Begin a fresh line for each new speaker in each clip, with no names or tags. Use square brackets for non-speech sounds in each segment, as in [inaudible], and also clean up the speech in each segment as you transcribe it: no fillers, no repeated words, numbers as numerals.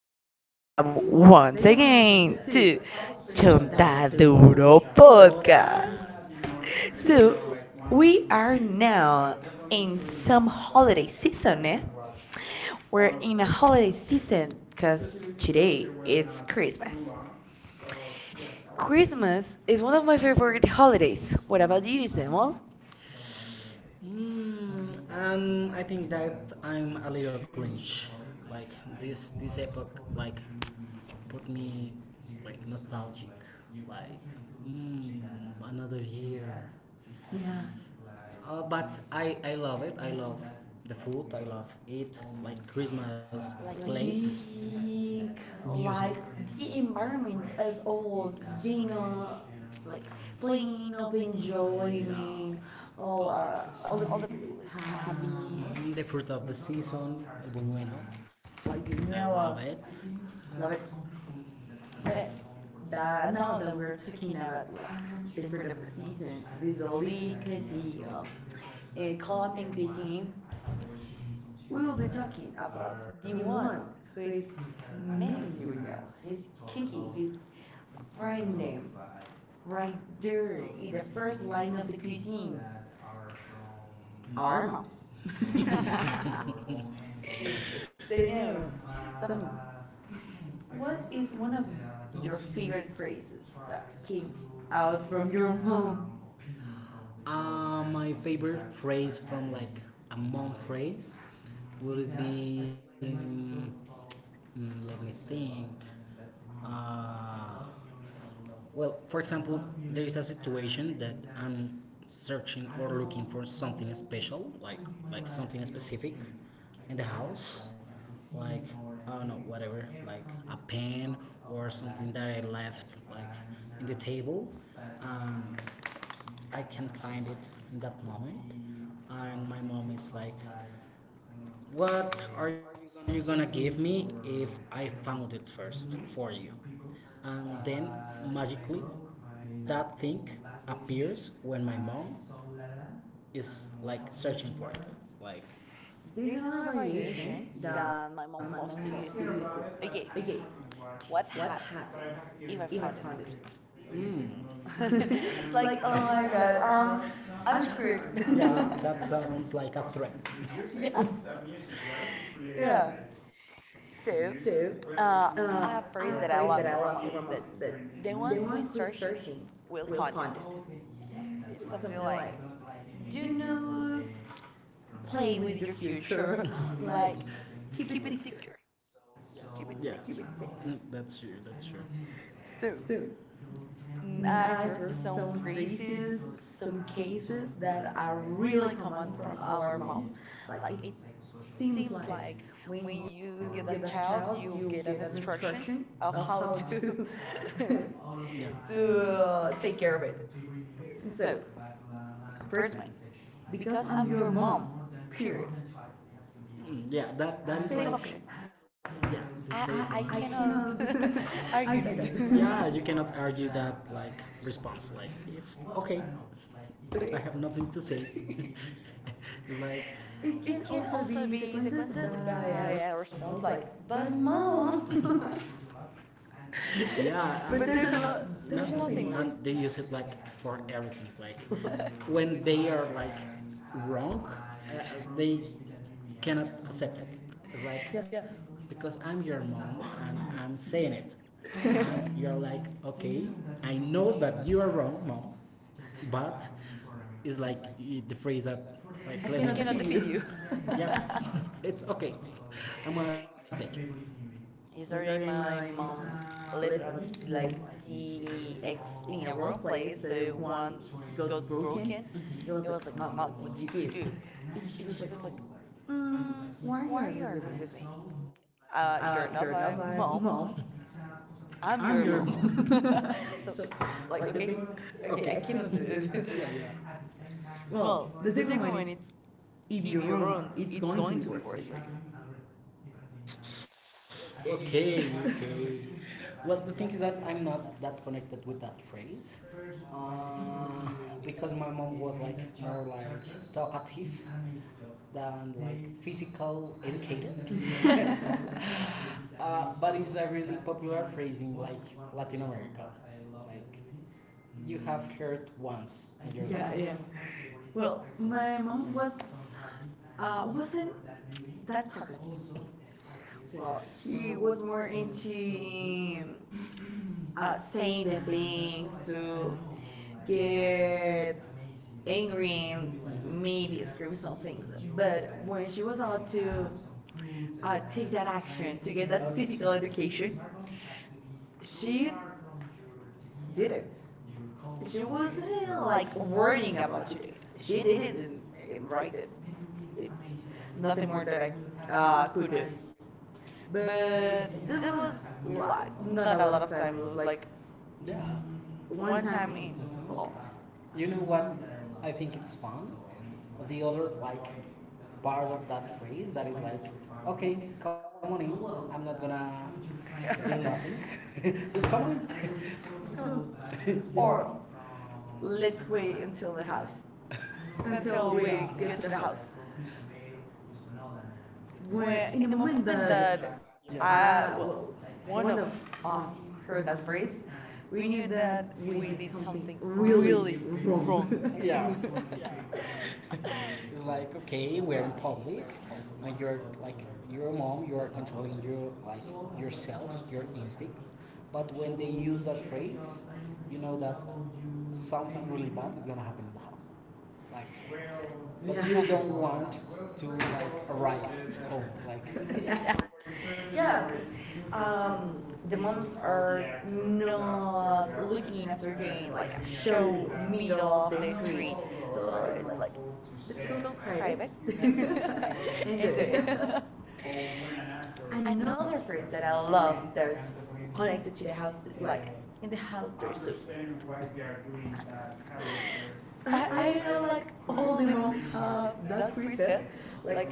and welcome once again to Chontaduro Podcast. So, we are now in some holiday season. Eh? We're in a holiday season because today it's Christmas.
Christmas.
Christmas is one of my favorite holidays. What about you, Samuel?
I think that I'm a little Grinch. Like this episode. Book like put me like nostalgic, like mm, another year.
Yeah.
But I love it. I love the food. I love it. Like Christmas like
Like
plates.
music,
Music, Music.
like
Like
the
the
environment
environment
as
as
all,
old,
you know,
dinner,
like
like
playing
playing
of
of
enjoyment,
enjoyment,
all
all
are
are
all the
all the
people
people
is
is happy.
happy,
The fruit of the season, el buñuelo.
like the
I No,
vanilla,
love it.
love it.
Love it.
But
But
that now
now
that
that
we're
we're
talking
talking
about
about
like
like
the fruit of
different
the
of the
season,
season,
this
Vizoli,
delicacy
Casey,
of Colombian
Colombian
cuisine,
cuisine,
we
we
will
will
be
be
talking
talking
about
about
the
the
one
one
who
who
is
is
meeting the
managing the
real.
real,
He's
he's
kicking,
kicking,
he's
he's
friend
frying
them
them
right
right
there
there
in
in
the
the
first
first
line
line
of the
of the
cuisine.
cuisine.
Our
Our
moms.
moms.
[laughs]
[laughs] [laughs] So
So
now,
now,
some,
Samu,
what
what
is
is one
one
of
of your
your
favorite
favorite phrases
phrases that
that came
came out
out
from
from
your
your mom?
mom? My favorite phrase from like a mom phrase would be mm, let me think uh, well, for example, there is a situation that I'm searching or looking for something special like something specific in the house, like I don't know, whatever, like a pen or something that I left like in the table. Um, I can find it in that moment, and my mom is like, "What are you gonna give me if I found it first for you?" And then magically, that thing appears when my mom is like searching for it, like
There's
there's
another
another
variation
variation, yeah,
that my
that yes. My
mom loves
mom
to
loves to
use. Is
use.
okay,
Okay,
what
what
happens
happens
if I
if I
found it
found it
first?
first?
[laughs] It's like,
Mm. [laughs] Like,
oh my
oh my
God,
god, [laughs]
I'm
I'm
screwed.
screwed. [laughs]
[laughs]
Yeah, that sounds like a threat.
Yeah,
[laughs]
yeah.
Yeah. Yeah.
So,
So,
uh,
uh,
a
a
phrase that I
phrase that
love
I
from my
love from
mom
my mom
that's
that's
the
the
one who is
one who is
searching
searching
will
will
find it.
find it. Okay, yeah,
It's
right.
something
Something
like, do
like do you
not
not
play
play
with your
with your
future.
future.
[laughs]
[laughs]
Like,
Like,
keep it
keep it
secure,
secure. Yeah,
keep it
keep
safe.
it safe. That's true. That's true.
So,
So,
mm, I've
I've
heard
heard
some
some
phrases,
phrases,
some
some
cases
cases
that
that
are
are
really
really
common
common
from
from
our
our
moms.
moms,
Like, it
like it
seems
seems
like
like
when
when
you get
you
a
get a
child,
child,
you get
you
an
get an
instruction
instruction
of
of
how
how
to
to
[laughs]
[laughs]
to
to
take care
take
of it.
care of it.
So,
So,
first one,
first
because
because
I'm your
I'm your
mom,
mom,
period.
period. Yeah, that
Safe
is
option.
like yeah, the
I
safe
I
one. I
cannot
cannot
[laughs]
[laughs]
argue
argue
that.
that. [laughs] Yeah, you
[laughs]
cannot argue that like response. Like it's okay.
Okay.
[laughs] I have nothing to say.
[laughs]
[laughs] Like,
It
it
can
can
also
also
be
be
sequenced
sequenced
by
by
a
a
response
response
like,
like,
but
but
mom.
mom.
[laughs]
[laughs]
[laughs]
Yeah.
But there's
There's No,
nothing more.
nothing more. And they use it like for everything. Like
[laughs]
[laughs] when they are like wrong, they cannot accept it. It's
Yeah.
like
[laughs]
yeah. Because I'm your mom and I'm saying it. [laughs] And you're like, okay, I know that you are wrong, mom, but it's like the phrase that
I
like I
cannot
cannot
defeat
defeat
you.
you.
[laughs]
[laughs] Yeah, it's okay. I'm gonna take it. It's
Yesterday,
already
my
my
mom
mom
lived
left
out like
like
the
the
ex
ex
in a
several
wrong place,
places. So
so one
one
got
got
broken.
broken.
It
It
was
was
like,
like,
Mom,
Mom,
what
what
did you
did you
do?
do?
And
And
she
she
was
was
like,
like,
mm,
mm,
why are
why are
you
you
arguing
arguing
with
with
me?
me?
You're
You're
not
not
my
my
mom,
mom.
I'm
I'm
your
your
mom. [laughs]
mom.
So,
[laughs] So,
like, okay,
like, okay,
okay, I
okay, I
cannot do
cannot do
it.
it. [laughs] Yeah,
[laughs]
yeah.
Well, the
Well,
second
the
one it's
second one it's
if you
if
run,
you
it's
run,
going to be
it's
worse
going
for
to be
you.
worth for you.
[laughs]
Okay, okay. [laughs] Well, the thing is that I'm not that connected with that phrase uh, because my mom was like more like talkative than like physical educator. [laughs] But it's a really popular phrase in like Latin America. Like you have heard once.
Yeah, yeah.
Yeah.
Well,
Well,
my
my
mom was
mom was
wasn't
wasn't
that
that
talkative.
talkative.
Well,
Well,
she
he
was more
were
into um,
into us
saying the things
things
to
to
get
get
angry
angry
and
and like
maybe
maybe
scream some
small
things.
things.
But
But
when she
when she
was
went
about to
to
take that
that
action to get that physical
actual
education,
education,
she
she
did
did
it.
it.
She wasn't like worrying
Worrying
about
about
to do
today,
it. She
she
did
did
it
it
and
and I
right it.
did. It's
It's nothing more that
that
I
I
could
could
do.
do.
But
Uh,
there
there
was
was a
like
lot.
not a lot of time. It was
It was
like
like yeah.
one
One
time in
time.
oh.
Well, you know what? I think it's fun. The other like part of that phrase that is like, okay, come on in. I'm not gonna do
[laughs]
nothing. [laughs] Just come on.
Just
[laughs]
come
Just
on,
come to [laughs] yeah.
or
Or
let's
let's
wait
wait
until the
until the
house
house.
until
So
we
we yeah.
get to the
The
house.
house.
When in
Where
the
in the
moment
moment
that
that
I well
well,
one of
one of
us
us,
heard that phrase,
race,
we
we
knew
knew
that
that
we
we
did
did
something
something
really
really
wrong.
wrong. [laughs]
[laughs]
Yeah. [laughs] It's like okay, we're in public, and you're like your mom, you are controlling your like yourself, your instincts. But when they use that phrase, you know that something really bad is gonna happen in the house. Like,
Yeah.
but yeah. You don't
[laughs]
want to like arrive at home. Like,
Yeah.
yeah,
Yeah,
yeah.
because um
Um,
the
the
moms
moms
are
are
not
not
looking
looking
after
after
doing
them,
like
like
a
show
show middle
middle
of
of
the
the
street.
street.
So
So
it's
I
like
like,
let's
let's
go
go
private
private.
[laughs] and do it.
[laughs]
[laughs]
I
Another
know
phrase that I love
love that
that's connected to the
the
house
house
is
is
like,
like
in the house there's soup.
monsters. [laughs]
[laughs] I do know, like,
Like
all
all
the
the
moms
moms
have
have
that
that,
preset.
like
Like,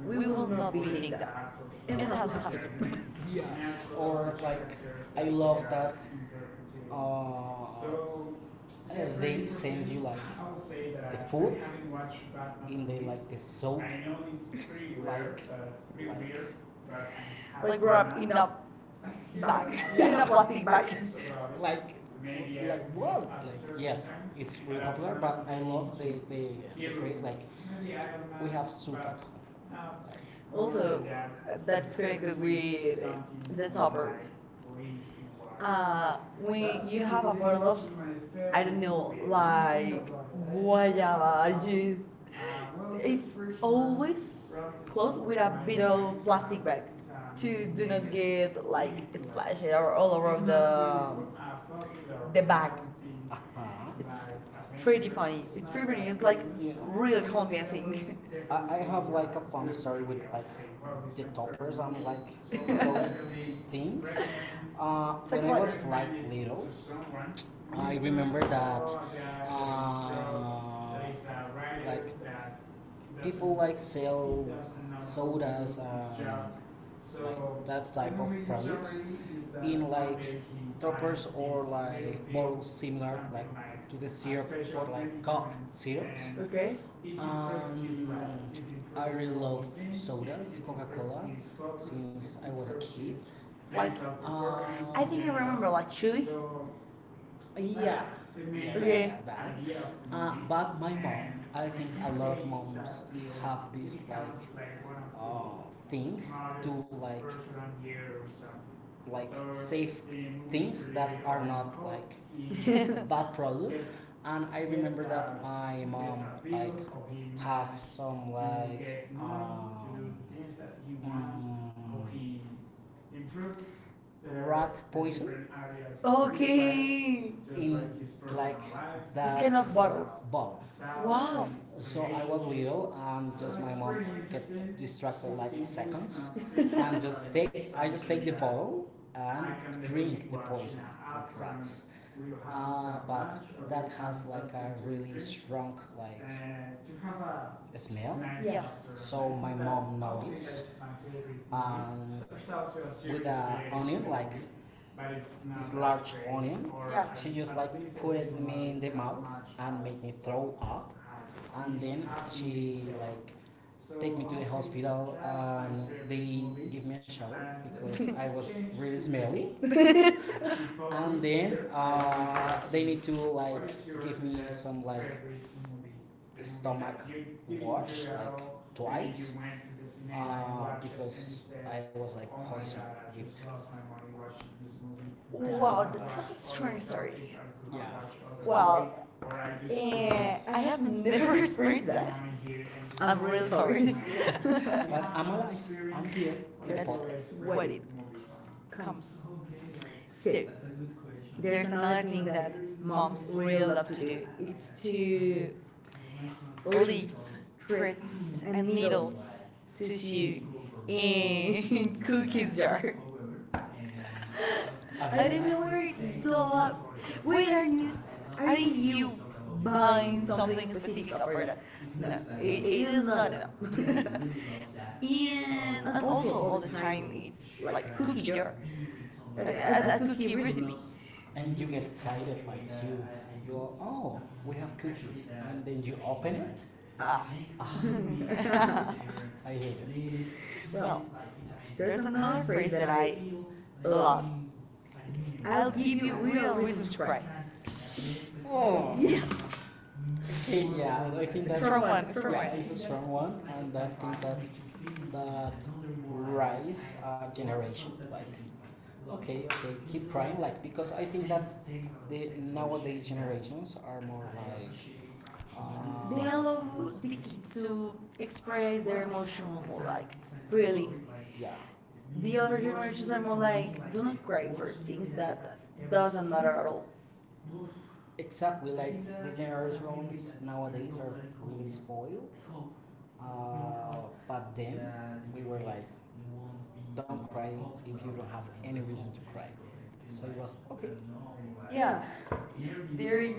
we will not be eating
beating
that. In
in
the
the
house,
house
we
we
have
have
soup.
soup. [laughs] Yeah. Or like I love that uh, uh, they send you like the food in the like the soap [laughs] like like
[laughs]
[laughs]
Like, wrapped in a bag, [laughs] in a plastic bag.
like like what like yes it's really popular but I love the phrase like we have soup at home like Also,
Also, that's connected with
the
the
topper.
topper.
I when
When
you
you have a bottle of,
Those
I don't know,
I
like
don't
guayaba
like use,
juice, it's
it's
always
always close
closed with a bit of plastic bag
to
to
do
do
not
not get
like
like
splash
splashed
it
or
or
all
all around
around
the
the bag.
back. It's
It's
pretty
pretty
funny.
funny.
It's
It's pretty funny.
it's
It's
like
like
real
real
calm. I
Colombian thing.
think.
[laughs]
I have like a fun story with like the toppers and like those [laughs] things.
Talk
When I
about it.
was like little, I remember that uh, like people like sell sodas, like that type of products in like toppers or like bottles similar like to the syrup or like cough syrups. Okay.
Okay.
Um, I really love sodas, Coca Cola, since I was a kid. Like,
Like I think
I-
I remember like
think
Chewy.
yeah. Okay.
Okay.
The idea but my mom, I think a lot of moms have this like thing to like like So, save things that really are not like [laughs] that product. And I remember that my mom like have some like get money um, mm, rat poison?
[laughs]
In
Okay.
like
This kind
the
of bottle.
ball. Wow.
Wow.
So I was little and just my mom get distracted like seconds [laughs] and just
[laughs]
take I just take the bottle and drink the poison of rats. But that has like a really strong like smell. Nice yeah.
Yeah.
So my mom I'll say noticed. And a with the onion, like this large onion,
Yeah.
yeah. She just like least put it me in like the mouth and made me throw up. And then she like So take me to the hospital and they give me a shower because [laughs] I was
[laughs]
really smelly and then they need to like give me some like stomach wash like twice because I was like poisoned with Ooh.
Wow, that's a strange story.
Yeah. Well,
Well,
And,
eh, I have never [laughs] experienced that.
uh,
I'm real sorry.
but I'm alive. I'm here in the
[laughs] That's
That's what
what
it
it comes.
So,
So,
that's a good question. There's
there's
a
another
thing
thing
that
that
moms
moms really
really
love to do.
it's
It's
to
to
leaves
leave threads
and
and needles
needles to
to sew
in
in [laughs]
cooking.
cookies jar. [laughs]
[laughs] I
I
don't
don't
know
know
where
where
it
the
go
lo-
wait,
wait are not you
are
aren't
you
you
but
buying something specific for that?
no,
No,
it,
it,
it
it
is
is
not.
not enough. [laughs]
[laughs] Yeah,
And also all the
I
time
mean,
it's
it's
like cookie jar, a,
a
a cookie
recipe.
recipe.
And you get excited like you are, oh, we have cookies. And then you open it. [laughs]
Ah.
[laughs] I
[laughs]
hate it.
Well,
Like there's
there's
a no. I
another phrase that I love. It's I'll
will give
give
you a
you
real
real
reason
reason
to
to
cry.
cry.
Oh. Yeah.
Yeah.
Okay, yeah, I think
A
that from
strong one, a strong
yeah,
one.
it's a strong one, and I think that that rise a generation. Like, okay, okay, keep crying, like because I think that the nowadays generations are more like, they
They
allow
allow the
the kids
kids
to
to express their emotion like
really
freely.
yeah, the
The other
other generation
generations are more like
like
do
don't
not cry for things
since
that
that, the
doesn't matter at all.
Exactly, like the generations nowadays are really spoiled. Uh, but then we were like, don't cry if you don't have any reason to cry. So it was okay.
Yeah,
Yeah, they're
they're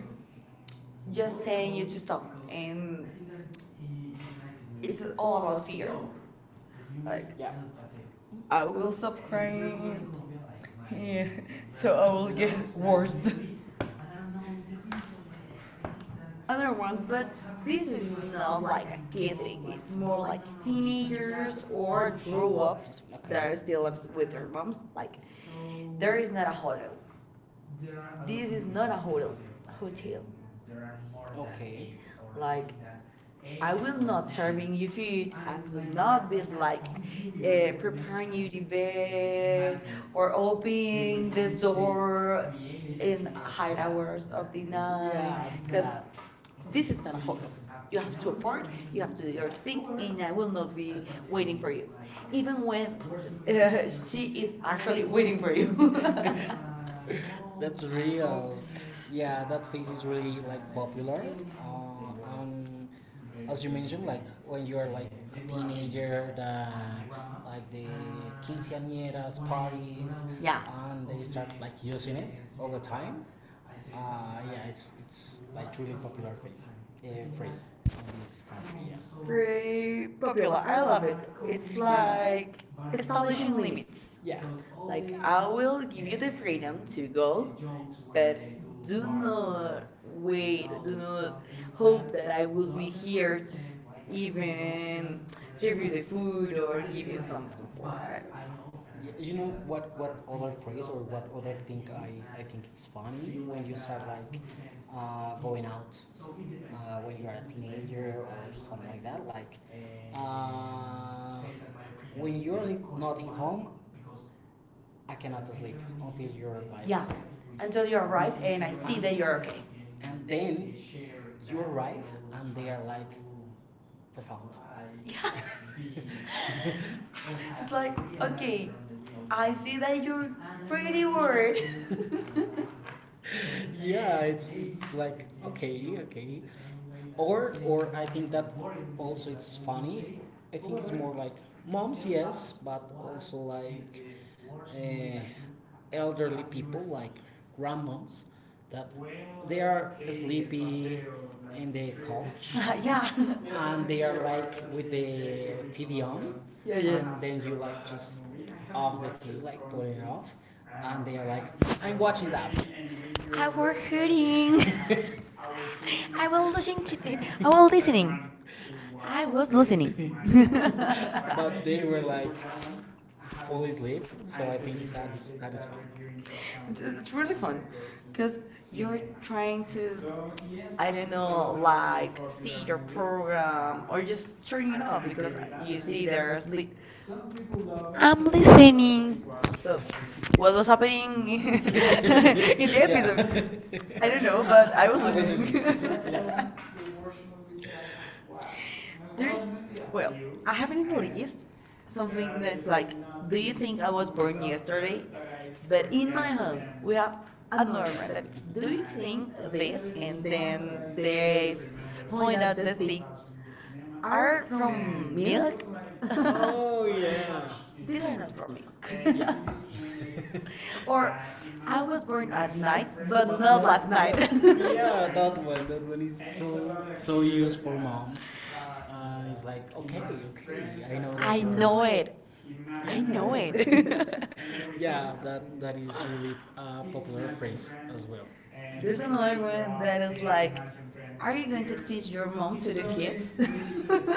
just
just
saying
saying
you
you to
to
stop
stop and
and
it's
it's
all about
weird.
fear.
Like
Like
yeah.
I will stop crying. Yeah, [laughs] so I will
I
get
get
worse. [laughs]
worse. [laughs] Other
Other
one,
one, but
but this
this
is
is
not
not
like
like a
a kid
kid thing.
thing. It's
It's
more
more
like
like
teenager.
teenagers or grown-ups
Okay. There
that are
is,
still lives
with,
with their moms. Like
there
there
is
is
not
not
a
a
hotel.
hotel.
This
This
is
is
not
not
a
a
hotel.
hotel. Hotel.
Okay. Like,
Like
I
I will
will
not
not
serving
bring you
you
food.
food. I
I
will
will not
not be
uh,
like preparing
you
you the
debate
bed or
in
opening the
the
door
Uh,
in high hours of the night
yeah. Because
because
that.
this is not a hotel.
You
You have
have to
to
report.
apart,
You
you
have
have
to
to do
do
your
big
thing, and I
in
will
will
not
be
be
waiting.
waiting for you. Even
Even
when
uh,
uh, [laughs]
she
she is
is actually
actually waiting
waiting
for
for you.
you. [laughs]
[laughs] That's real. Yeah, that phase is really like popular. Uh, um, as you mentioned, like when you are like a teenager, the like the quinceañeras parties,
Yeah,
yeah. And they start like using it all the time. Yeah, it's like really popular phase phrase in this country. Yeah. Very
very
popular.
popular. I love it.
It's
It's
like
like
establishing
establishing
limits.
limits.
Yeah. Like
Like, I
I'll
will give
give you
you
the
the freedom to go,
YouTube, but
but
do
do
not
not
wait,
wait,
do
do not
not
hope
hope
that I will
me
be
here
here to s-
even
even
serve
serve
you
you
the
the
food
food
or
or
give
give
you
you some
something for
comfort. I
it.
don't know.
You know, what other phrase or what other thing, I think it's funny when you start like going out, when you are a teenager or something like that, like uh, when you're not in home, I cannot sleep until you arrive.
Yeah,
Yeah.
until you arrive and
And
I
I
see
see.
that you're okay. [laughs]
And then you arrive and they are like profound.
Yeah.
Yeah. [laughs] It's
It's
like,
like,
okay,
okay,
I'm
I see that you're
your
pretty worried.
friend.
[laughs]
[laughs] [laughs] Yeah, it's like okay, okay. Or I think that also it's funny. I think it's more like moms, yes, but also like uh, elderly people, like grandmoms, that they are sleepy in the couch. [laughs]
Yeah,
Yeah.
[laughs]
And they are like with the TV on. Yeah,
yeah,
yeah. And then you like just off the TV, like put it off, and they are like, I'm watching that.
I was hurting.
[laughs]
[laughs] I was listening to. I was listening. I was listening. [laughs]
But they were like fully asleep, so I think that is fun. It's,
It's,
it's
it's really
really fun
fun because
because you're
you're
trying
trying to,
to
I don't know,
like
like
see
see
your
your
program
program
or
or just
just
turn
turn it
it off
off because
because
you
you
see
see
they're
there's. Are
asleep.
I'm
I'm listening.
listening.
So,
So,
well,
what was happening [laughs] in the
[laughs]
episode? I don't
I.
know, but I was listening. [laughs]
It. [laughs]
There,
Well,
well,
I
I have in
haven't
the
released
list
something
something
that's
that's
like,
like,
do
do
you?
you think I was born yesterday?
But
But
in
in
my
my
home
home,
we
we
have
have
a
another
normal
one that
that's
it's,
do
do
you
you think
think
this?
this, and
And then
then
they
they
s-
point
point
out
out
the
the thing
thing are
are
from
from
milk.
milk.
[laughs]
[laughs]
Oh yeah. These
These are
are
not
from
from milk.
milk. [laughs]
[laughs] Or
Or,
I was born at night, but
but
not last night. [laughs]
yeah, that one. That one is so used for moms. It's like okay, okay, I know
I
that.
know it. I
Yeah,
know it. [laughs]
yeah, that is really a popular phrase as well. There's
There's
another
another
one
one
that
that
is
is
like,
like,
are
are
you
you
going
going to
to teach
teach
your
your
mom
mom
to
to
the
do kids?
kids?
[laughs]
[laughs]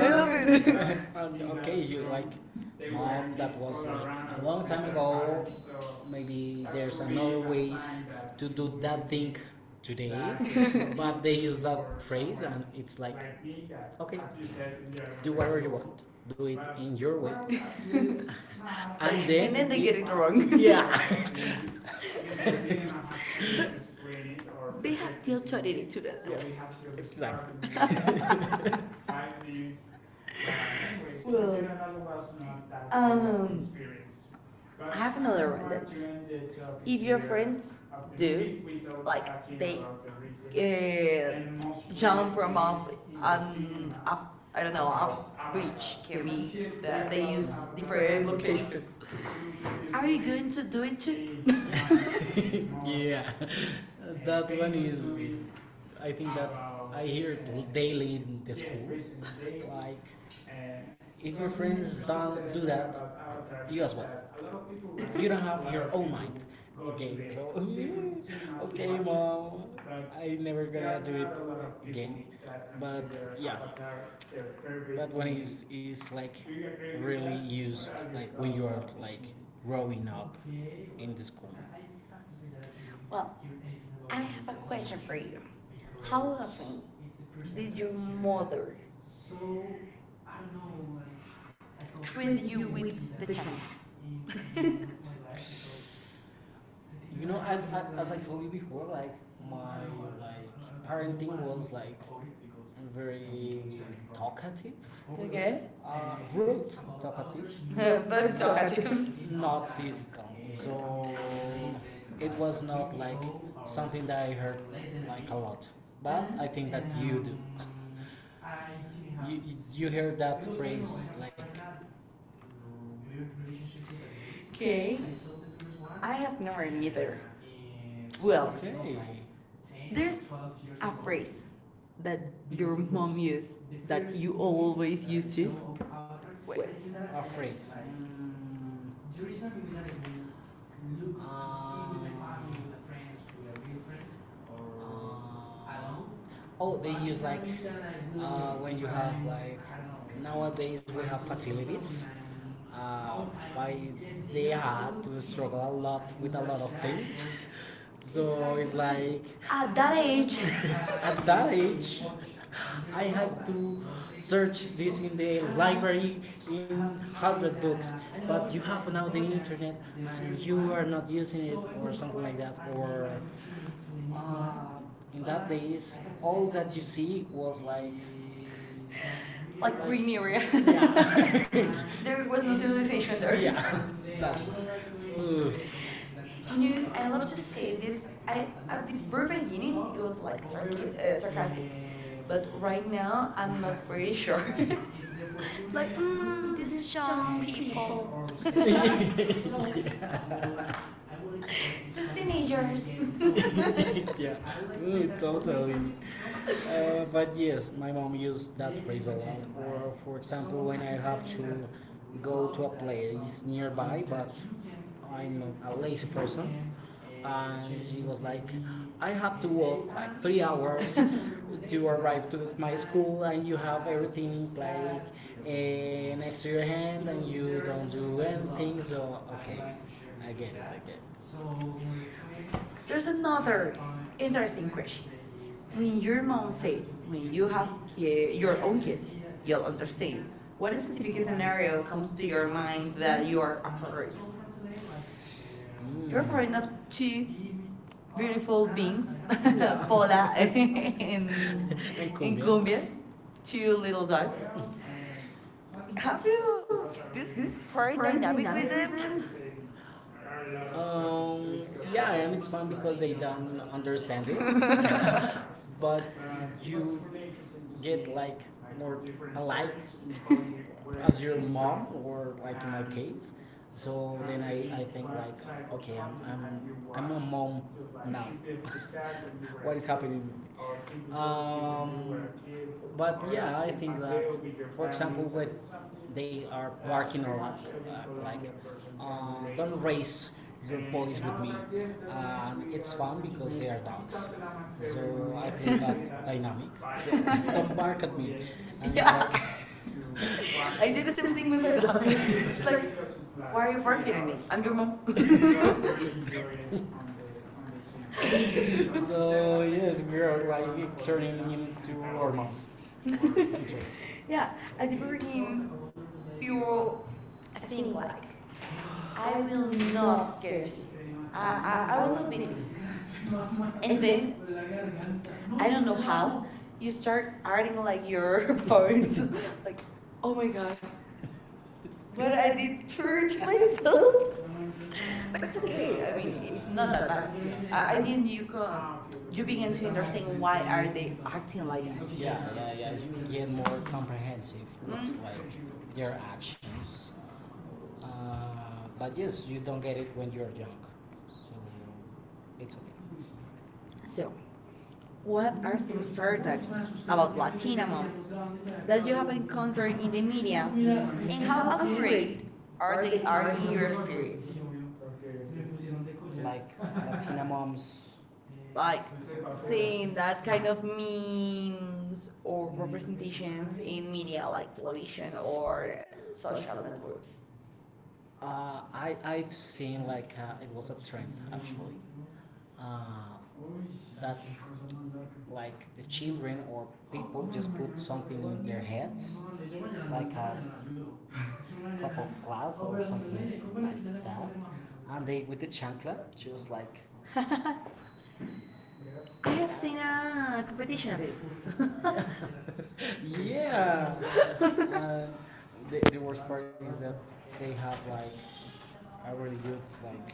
I love it. [laughs]
I. [laughs] Okay, you like mom that was like a long time ago. Maybe there's another ways to do that thing today, [laughs] but they use that phrase and it's like,
[laughs]
okay, do whatever you want, do it in your way. [laughs] And
And then they
then
get it wrong.
[laughs] yeah.
[laughs] But they
[laughs]
have the authority
Related to
to do
that. Exactly.
that. [laughs]
Anyways, well, we
Well,
another lesson on that
um,
experience. But
I
I
have another
learned
one that's
that if
if
your
your friends
friends
do,
do,
like
like, they,
they
about
uh,
uh, jump
jump from off
weeks in the
off
cinema,
I don't know off
outreach
bridge
can
can be
be that
that
they
they
use
use
different
different [laughs] locations.
locations. Are
Are
you
you
going
going
to
to
do
do
it
it too?
too?
[laughs]
[laughs] [laughs] Yeah. That one is, I think that I hear it daily in the yeah, school. [laughs] Like, if your friends don't do that, you as well. Like, you don't have your own mind. Okay, so, [laughs] okay, mom, but I never gonna do it again. But, yeah. That one is like really used, like when you are like growing up in the school. Well,
Well,
I
I
have
have
a
a
question
question
for
for
you.
you. How
How often
often did
did
your
your mother
mother treat
treat
you
you
with
with
the chancla. [laughs]
[laughs] you know, as I told you before, like my like parenting was like very talkative,
Okay.
rude talkative.
[laughs] But talkative.
[laughs] Not physical. So it was not like something that I heard like a lot. But I think that you do. [laughs] you, you hear that phrase like okay.
Okay.
I
I have never
don't either.
neither.
Well,
Well,
okay. There's
there's
a
a phrase
phrase
that
your
your
mom
mom
used
used that
that
you
you always
always
used
used
to?
to.
What?
Wait.
A phrase. The reason we will not look to see with my family, with my friends, with a real friend, or alone. Oh, they use like way when you have, like, nowadays we have facilities. Something, I but they had to struggle a lot with a lot of things. [laughs] So it's like
At that
age,
age, [laughs]
[laughs] at
at
that
that
age,
age.
I had to search this in the library in hundred books. But you have now the internet, and you are not using it, or something like that. Or uh, in that days, all that you see was like.
[laughs]
Like,
Like
Like- we
green
knew.
area, [laughs]
[laughs]
there
There was
was no
no
civilization
solution.
there.
Yeah, [laughs] that. Ugh.
You
You
know,
know,
I
I
love
love
to
to
say
say
this.
this. I
I at
at
the
the
very
very beginning,
beginning it
it
was
was
like
like a
sarca
circus
sarcastic,
plastic.
but
But
right now I'm
I'm
not
like,
pretty sure. [laughs]
[laughs]
Like,
like
these
these
young
young
people,
people, [laughs]
[laughs]
[laughs]
these
yeah. These
teenagers.
teenagers. [laughs] [laughs] Yeah, mm, totally. But yes, my mom used that phrase a lot. Or, for example, when I have to go to a place nearby, but I'm a lazy person, and she was like, I had to walk like 3 hours [laughs]
[laughs]
to arrive to s- my school, and you have everything like eh, next to your hand, and you don't do anything. So okay, I get it. I get
There's
it.
another interesting
Interesting question.
question. When
When
your
your mom
mom
said,
said, when
when
you
you
have
have here
ki your
your
own
own
kids,
kids, you'll
you'll understand.
understand. What
What
specific
specific
is an
scenario
comes
comes to
to
your
your
mind
mind
that
that
you
you are
are a
worried?
parent?
Mm. You
You're part of
have
two
two beautiful
beautiful beings,
beings. Yeah. [laughs]
[laughs]
Paul
Pola [laughs]
and [laughs] in
and
cumbia.
Cumbia,
Cumbia,
two
two
little
little
dogs.
dogs. [laughs]
Have you this
This part
parent
dynamic
dynamic
with
with them?
Yeah, and it's fun because they don't understand it. [laughs] But you get like more alike [laughs] as your mom or like in my case, so then I think like okay I'm a mom now. [laughs] What is happening? um but yeah, I think that for example with they are barking a lot, like don't race your boys with me, and it's fun because they are dogs. So I
[laughs]
play that [laughs]
[laughs]
dynamic. So don't
[laughs]
bark at me. And
Yeah.
I
I do the same thing
think we
with my
were
dog.
done. [laughs]
[laughs] It's
It's
like,
like,
why are
why
you barking at
didn't we?
me? I'm
I'm
your
your
mom.
mom.
[laughs]
[laughs] [laughs] So yes, we are like turning into our moms. [laughs]
Yeah,
Yeah,
at the
as if we were
beginning,
in.
you're
You, I
think
think,
like,
like,
I
I
will
will
not
not
guarantee.
guarantee.
I
I
will
was
not be this.
obese.
And
And
then
then, I
I don't
don't
know
know
how.
how,
You
you
start
start
adding like your
[laughs]
[laughs]
poems
points. [laughs]
like,
Like, oh
oh
my
my
god,
god,
what
what
I
I
did
did
turned [laughs]
to
myself.
myself. [laughs]
But
But
it's
it's
okay.
okay,
I
I
mean,
mean,
it's
it's
not
not
that
that
bad.
bad. Yeah.
I,
I,
I
I not
didn't. You
you
come.
can, you
You begin
begin
to
to
understand
understand why
why are
are
they
they
acting
acting
like
like
that.
that. Yeah, yeah, yeah. You get more comprehensive with
Mm.
mhm. Like their actions. Uh, but yes, you don't get it when you're young, so it's okay. So,
So,
what
what
are
are
some
some
stereotypes
stereotypes
about
about
Latina
Latina
moms
moms
that
that
you
you
have
have
encountered
encountered
in
in
the
the
media,
media, and
and how
how
accurate
accurate
are
are they
they are
are in
in
your
your
experience?
experience? Like Latina moms. Like
Like
seeing
seeing that
that kind
kind
of
of memes
memes or
or representations
representations in
in media
media
like
like television
television or
or social
social networks.
networks. I've seen like it was a trend actually. Uh, that like the children or people just put something in their heads, like a cup of glass or something like that, and they with the chancla just like
[laughs] I
you've
have seen
seen
a competition of it.
it.
[laughs]
[laughs] Yeah. And the worst part is that they have like a really good like.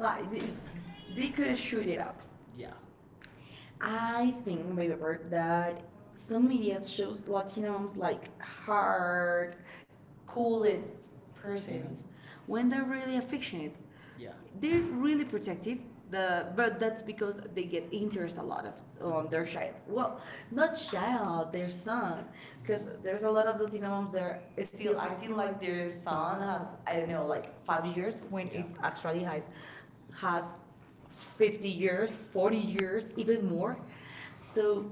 Like,
Like they
they
could
shoot
shoot
it.
it out.
Yeah. I
I
think
think by
maybe
report that
some
some
media
media shows
shows
Latina
Latino
moms like hard,
cooled
cold persons
persons.
when they're
Mm-hmm. Really
really
affected.
affectionate
Yeah. They're
they're
really
really protective.
protected
The but that's because
because they
they get
get
interest
interested
a lot of on their child. Well, not
about
child,
their
their son,
son.
because
Because there's
there's a lot of Latino moms
moms
that are
that are
still
still
acting
acting
like
like
their son has I don't know like five
5 years
years
when
when
yeah,
it
it's
actually has
50
50 years,
years,
40
40
years,
years,
even
even more.
more. So
So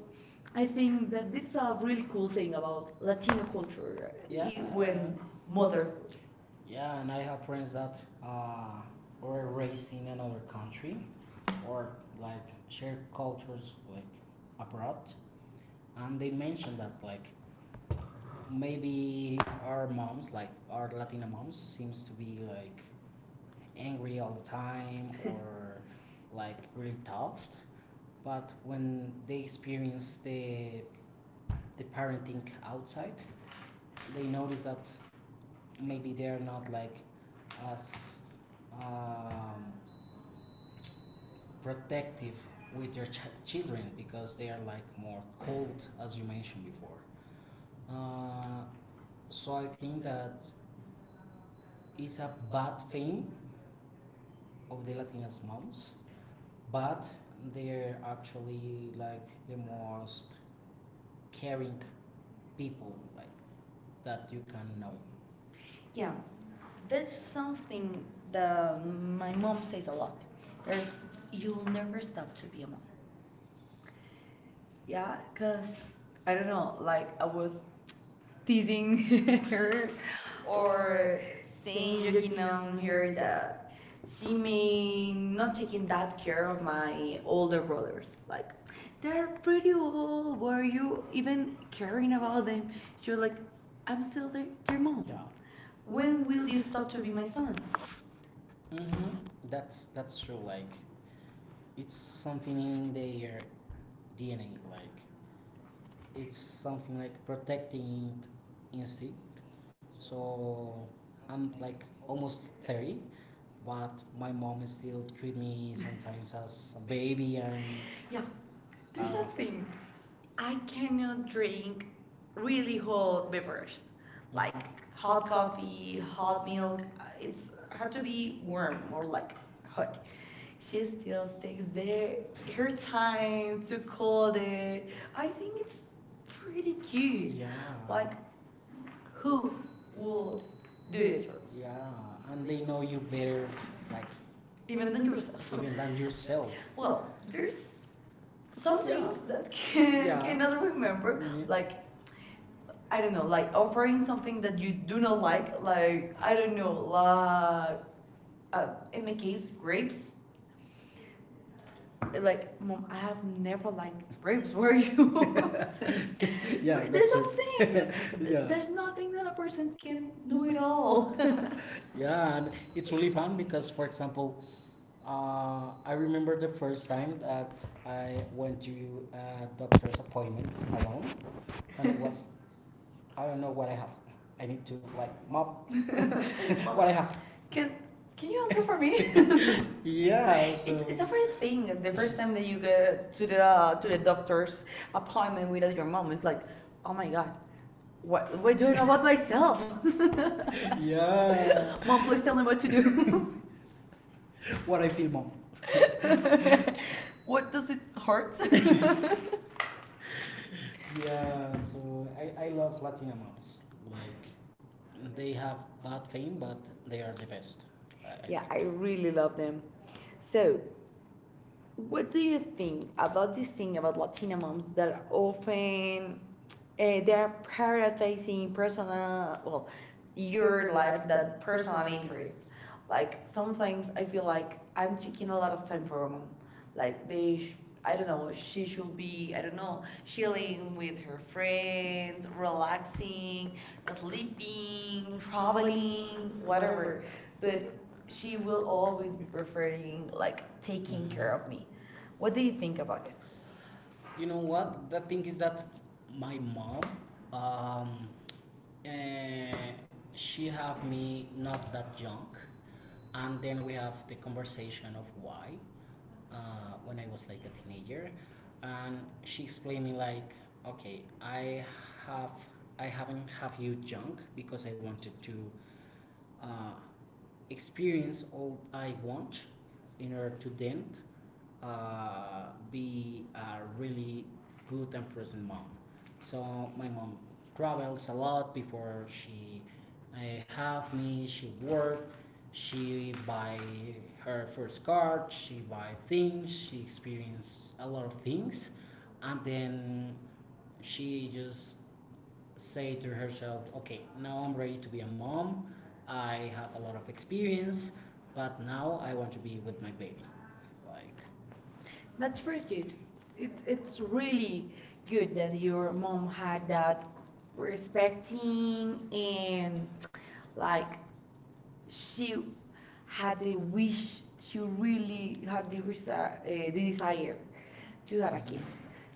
I
I
think
think
that
that
this
this
is
is
a
a
really
really
cool
cool
thing
thing about
about Latino
Latino culture
culture. Yeah.
when
When mother,
motherhood.
yeah, and I have friends that were raised in another country or like share cultures like abroad, and they mentioned that like maybe our moms, like our Latina moms, seems to be like angry all the time [laughs] or like really tough. But when they experience the parenting outside, they notice that maybe they are not like as um, protective with their ch- children because they are like more cold as you mentioned before, uh, so I think that it's a bad thing of the latinas moms, but they're actually like the most caring people like that you can know.
Yeah. There's
There's
something
something
that
that
my
my mom
mom says
says a
a lot.
lot.
There's
There's you
you'll
never
never
stop.
stop to be a mom. Yeah, cause
Because
I don't know, like
I
I was
was
teasing
teasing [laughs]
[laughs]
her
her or
or
saying
saying
joking
joking
on
on
her
her
that
that she
she may
may
not
not
taking
taking
that
that
care
care
of
of
my
my
older
older
brothers.
brothers
Like
like they're
they're pretty
pretty
old.
old,
Were
were
you
you
even
even
caring
caring
about
about
them?
them?
She
She
was
was like,
like, I'm
I'm still
still their, their
their mom.
mom.
Yeah. When
When will
will
you
you
stop
stop
to
to
be
be
my
my son?
son?
Mm-hmm. That's true. Like it's something in their DNA. Like it's something like protecting instinct. So I'm like almost 30, but my mom still treat me sometimes [laughs] as a baby. And
Yeah,
yeah,
there's
there's a thing.
something. I
I
cannot
cannot
drink
drink
really
really
hot
hot beverage,
beverage,
like
like hot
hot
coffee,
coffee,
hot
hot
milk.
milk.
It's
It's
had
had
to
to
be
be
warm,
warm
more
or like
like hot.
hot.
She
She
still
still stays
takes there
there.
her
Her
time
time
to
to
cold
call
it.
it. I
I
think
think it's
it's
pretty
pretty
cute.
cute. Yeah.
Like,
Like
who
who
would
will
do
do
it
it
for
for
me?
me? Yeah, and they know you better, like
Even
even
than
than yourself.
yourself.
Even than
[laughs]
yourself.
Well,
Well,
there's
there's
some
some yeah,
things
things
that
that can yeah,
cannot
cannot
remember,
remember. Yeah.
like
Like
I
I
don't
don't
know,
know,
like
like
offering
offering
something
something
that
that
you
you
do
do
not
not
like,
like.
like
Like
I
I
don't
don't
know,
know,
like
like
uh, in
in
my
my
case,
case,
grapes.
grapes.
Like,
Like
mom,
mom, I
I have
have never
never liked
liked grapes.
grapes. [laughs] Where are
Were
you? [laughs]
you? [laughs] So,
saying?
yeah,
But there's
there's
something,
nothing. [laughs]
[laughs]
Yeah.
there's
There's nothing
nothing
that
that a
a
person
person
can
can
do
do at
at all.
all.
[laughs]
Yeah, and it's really fun because, for example, I remember the first time that I went to a doctor's appointment alone, and it was [laughs] I don't know what I have. I need to like mop
[laughs]
[laughs]
Mom,
what I have.
can
Can
can
Can
you
you
answer
answer
for
for me?
me? [laughs]
[laughs] Yeah, It's, so it's
It's
it's
a
a
funny
funny
thing.
thing.
The
The
first
first
time
time
that
that
you
you
go
get to
to
the
the doctor's
doctor's appointment
appointment
without
without
your
your
mom,
mom,
it's
it's
like,
like, oh
oh my
my
God,
God,
what
what
do
do I
I know
know
about
about myself?
myself? [laughs]
[laughs]
yeah. [laughs]
Mom,
Mom,
please
please tell
tell
me
me
what
what
to
to
do.
do. [laughs]
[laughs] what I feel, mom. [laughs] what
What does
does it
it
hurt?
hurt? [laughs]
[laughs] yeah, so I love Latina moms. Like, they have bad fame, but they are the best. I, yeah,
Yeah,
think. I
I really
really love
love
them.
them.
So,
So, what
what do
do
you
you
think
think
about
about this
this
thing
thing
about
about
Latina
Latina
moms
moms
that
that
often
often
They are
they're
prioritizing
prioritizing personal,
personal, well,
well,
your
your life
life
than
than
personal
personal interests.
interests. Like
Like
sometimes
sometimes
I
I
feel
feel like
like I'm
I'm
taking
taking
a
a
lot
lot of
of time
time
for
for
a
a
mom.
mom. Like
Like, they,
they, sh
I
I
don't
don't
know,
know, she
she should
should
be,
be,
I
I
don't
don't
know,
know,
chilling
chilling with
with her
her friends,
friends, relaxing,
relaxing,
sleeping,
sleeping,
traveling,
traveling,
whatever.
whatever.
But
But
she
she will
will always
always
be
be
preferring
preferring
like
like taking
taking, mhm, care
care of
of me.
me.
What
What
do
do
you
you
think
think
about
about?
it? You know what? The thing is that my mom, um, eh, she have me not that young, and then we have the conversation of why, when I was like a teenager, and she explained me like, okay, have I haven't have you young because I wanted to, uh, experience all I want in order to then, be a really good and present mom. So my mom travels a lot before she, uh, have me. She worked. She buy her first car. She buy things. She experience a lot of things, and then she just say to herself, "Okay, now I'm ready to be a mom. I have a lot of experience, but now I want to be with my baby." Like, that's
That's
very
very
cute.
good. It's really good that your mom had that respecting
Mm, and
and like she
I
had the
wish
wish,
she
she
really
really had the, the
decided
desire
to
to have a
like it.
kid.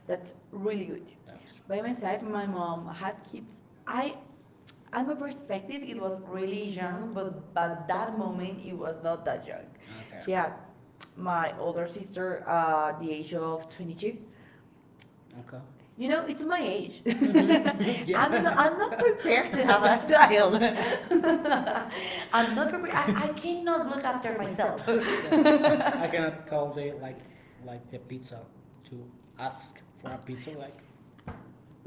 That's really good.
That's.
By my side, my mom had kids. I, at my perspective, it was really
Young,
young, but
but
that moment
when
it
it was
was not that young.
okay.
She had
Yeah.
my older sister at the age of 22.
22. Okay.
You know, it's my age. [laughs]
[laughs]
I'm not prepared to have a child.
[laughs]
[laughs] I'm
I'm
not
not.
prepared.
I,
I
I
cannot
cannot.
look after myself. [laughs]
I cannot call the, like the pizza, to ask for a pizza, like.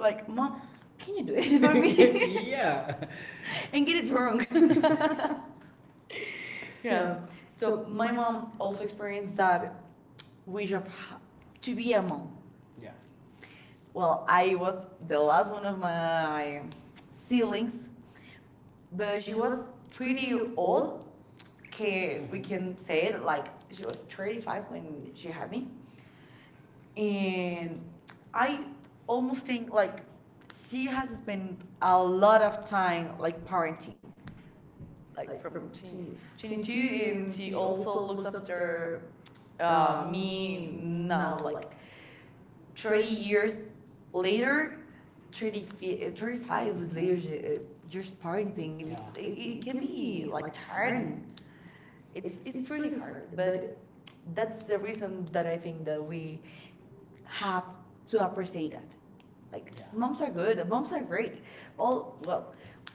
Like, mom,
mom, can
can you
you do
do
it
it
for
for me?
me? [laughs] yeah,
[laughs] And get it wrong. [laughs] Yeah. So my mom also experienced that wish of ha-
to
to
be
be
a
a
mom.
mom.
Yeah.
Well, I was the last one of my
Feelings,
siblings, but
but she
she was
was pretty
pretty old.
old.
can we
Can
can
can
say
say
it like she was 35
when
when she
she
had
had me,
me, and
and I
I almost
almost
think
think like
like
she
she
has
has
been
spent a lot of time like parenting
acting
like
like
from
from 20,
20, 22,
twenty-two, 22,
and
and
she
she
also looks after me now like
like
30
thirty
years
years,
later, 30,
35.
35 years just
Just parenting.
parenting.
Yeah.
It's
It's- it,
it
it
can
can
be
be
like
like
tiring.
tiring.
it's
It's
it's
it's
pretty
pretty hard,
hard but
but that's
that's
the
the
reason
reason that
that I
I
think.
think that we have to appreciate that. Like
Yeah. Mom.
moms are good, moms are great. All well,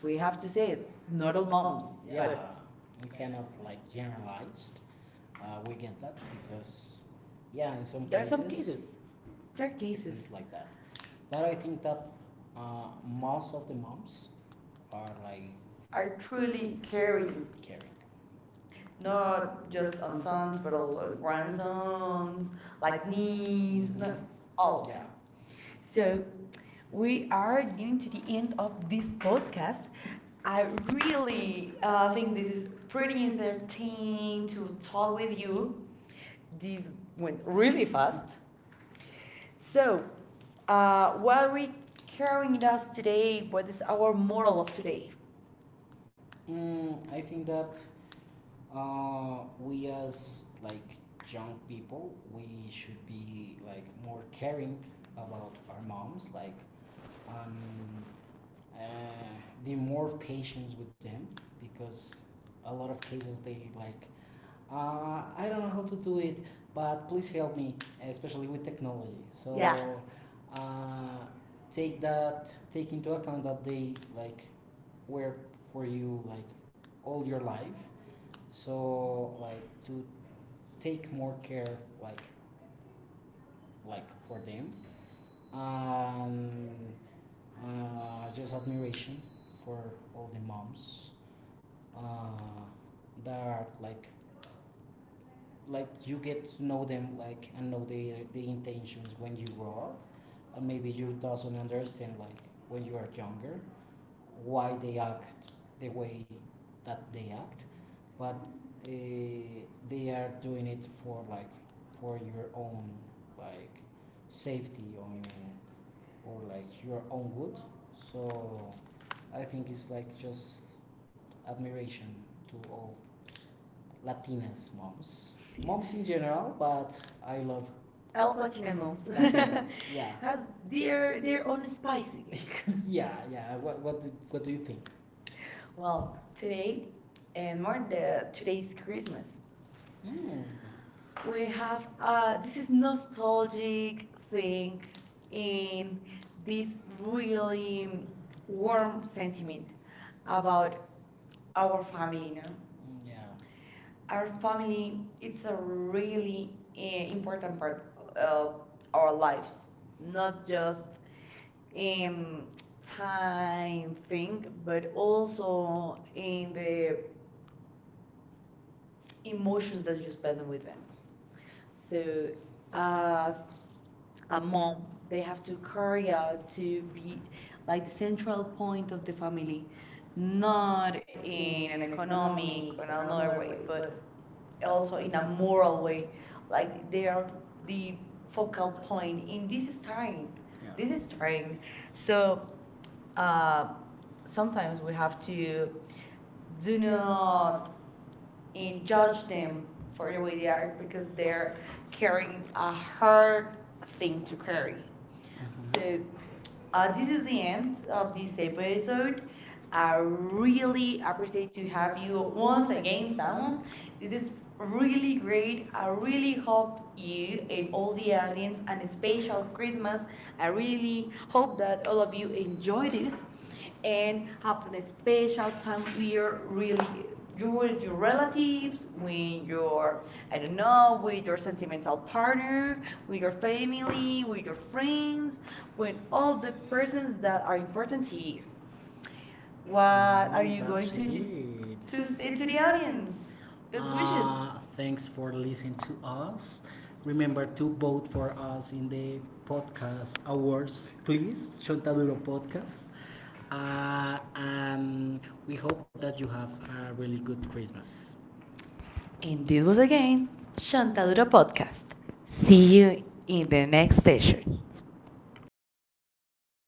we have to say it, not
Normal
all moms,
moms. Yeah.
but
But we cannot like generalize. We get that because, yeah, in some
there are
fair
some cases. Their cases
cases, it's like that. But I think that, most of the moms are like
are
really
truly
caring
caring,
caring.
not just on sons, but also on
Moms.
grandsons, like
Knees.
niece, no,
Mhm.
all of
Yeah.
them. So we
We are
are
getting
getting to
to
the
the end
end of
of this
this podcast.
podcast. I
I
really,
really think
think
this
this
is
is
pretty
pretty
entertaining
entertaining
to
to
talk
talk
with
with
you.
you. This
This went
went
really
really
fast.
fast.
So, what are we carrying with us today? What is our moral of today?
Mm, I think that, we as like young people, we should be like more caring about our moms, like, and, be more patient with them, because a lot of cases they like, I don't know how to do it, but please help me, especially with technology. So.
Yeah,
Yeah. uh, Take that take into account that they like were for you like all your life, so like to take more care, like like for them. um, just admiration for all the moms, uh, that are like you get to know them, like, and know the intentions when you grow up, and maybe you doesn't understand like when you are younger why they act the way that they act, but, uh, they are doing it for like, for your own, like, safety or, like your own good. So I think it's like just admiration to all Latinas moms, moms in general. But I love I
I love
love
Platina
Latina
moms
moms. [laughs] Latina moms. Yeah.
[laughs] has
Has their
their
their own
own
spice.
spicy thing.
[laughs] yeah, yeah. What do you think?
Well,
Well, today.
today and more the today's Christmas.
Mm.
We
We,
have
this
this
is
is
not,
nostalgic thing and
this,
this really
mm, warm
warm
scent.
sentiment about our family, no?
Yeah.
Our family,
It's
it's a really uh, important part of our lives,
not
not just in time
something,
thing, but
but
also
in
in
the
the
emotions
emotions
that
that
you
you
spend.
spend with them. So, as a mom. They have to carry out
So, be
to be like the central point of the family,
not
not
in
in
an
an
economic
economic or
or
another
another way,
way,
but
but also
also
in
in
a
a
moral
moral way.
way.
Like
Like
they
they are
are
the
the
focal
focal
point,
point, in
and this
this
is
is time.
tiring.
Yeah.
This
This
is tiring.
is,
So uh,
uh,
sometimes we have to
so
do not
in
judge them
them,
for
for
the way they are because they're
for
carrying a hard
our
thing to
fairy.
carry.
So,
So
uh,
this is the end
and
of this episode. I really appreciate to have you once again, Samu. This
this
is
is
really
really
great.
great.
I
I
really
really
hope
hope
you
you
and
and
all
all
the
the
audience
audience,
and a
and
special
special
Christmas.
Christmas,
I
I
really
really
hope
hope
that
that
all
all
of
of you
you enjoy
enjoy
this
this,
and
and have
having
a
a
special
special time
time
with your
here, really,
really you
with
with your
relatives,
relatives,
with
with your I don't know, with your sentimental partner, with your
family,
family,
with
with your friends,
friends,
with all the
persons
persons that
that
are important to
you
you.
want
What are you going to do,
to.
to say to the audience?
Lions.
Best wishes.
Thanks for listening to us. Remember to vote for us in the podcast awards, please. Chontaduro Podcast. And we hope that you have a really good Christmas.
And this
Indeed.
was again Shantadura Podcast. See you in the next session.
Yeah.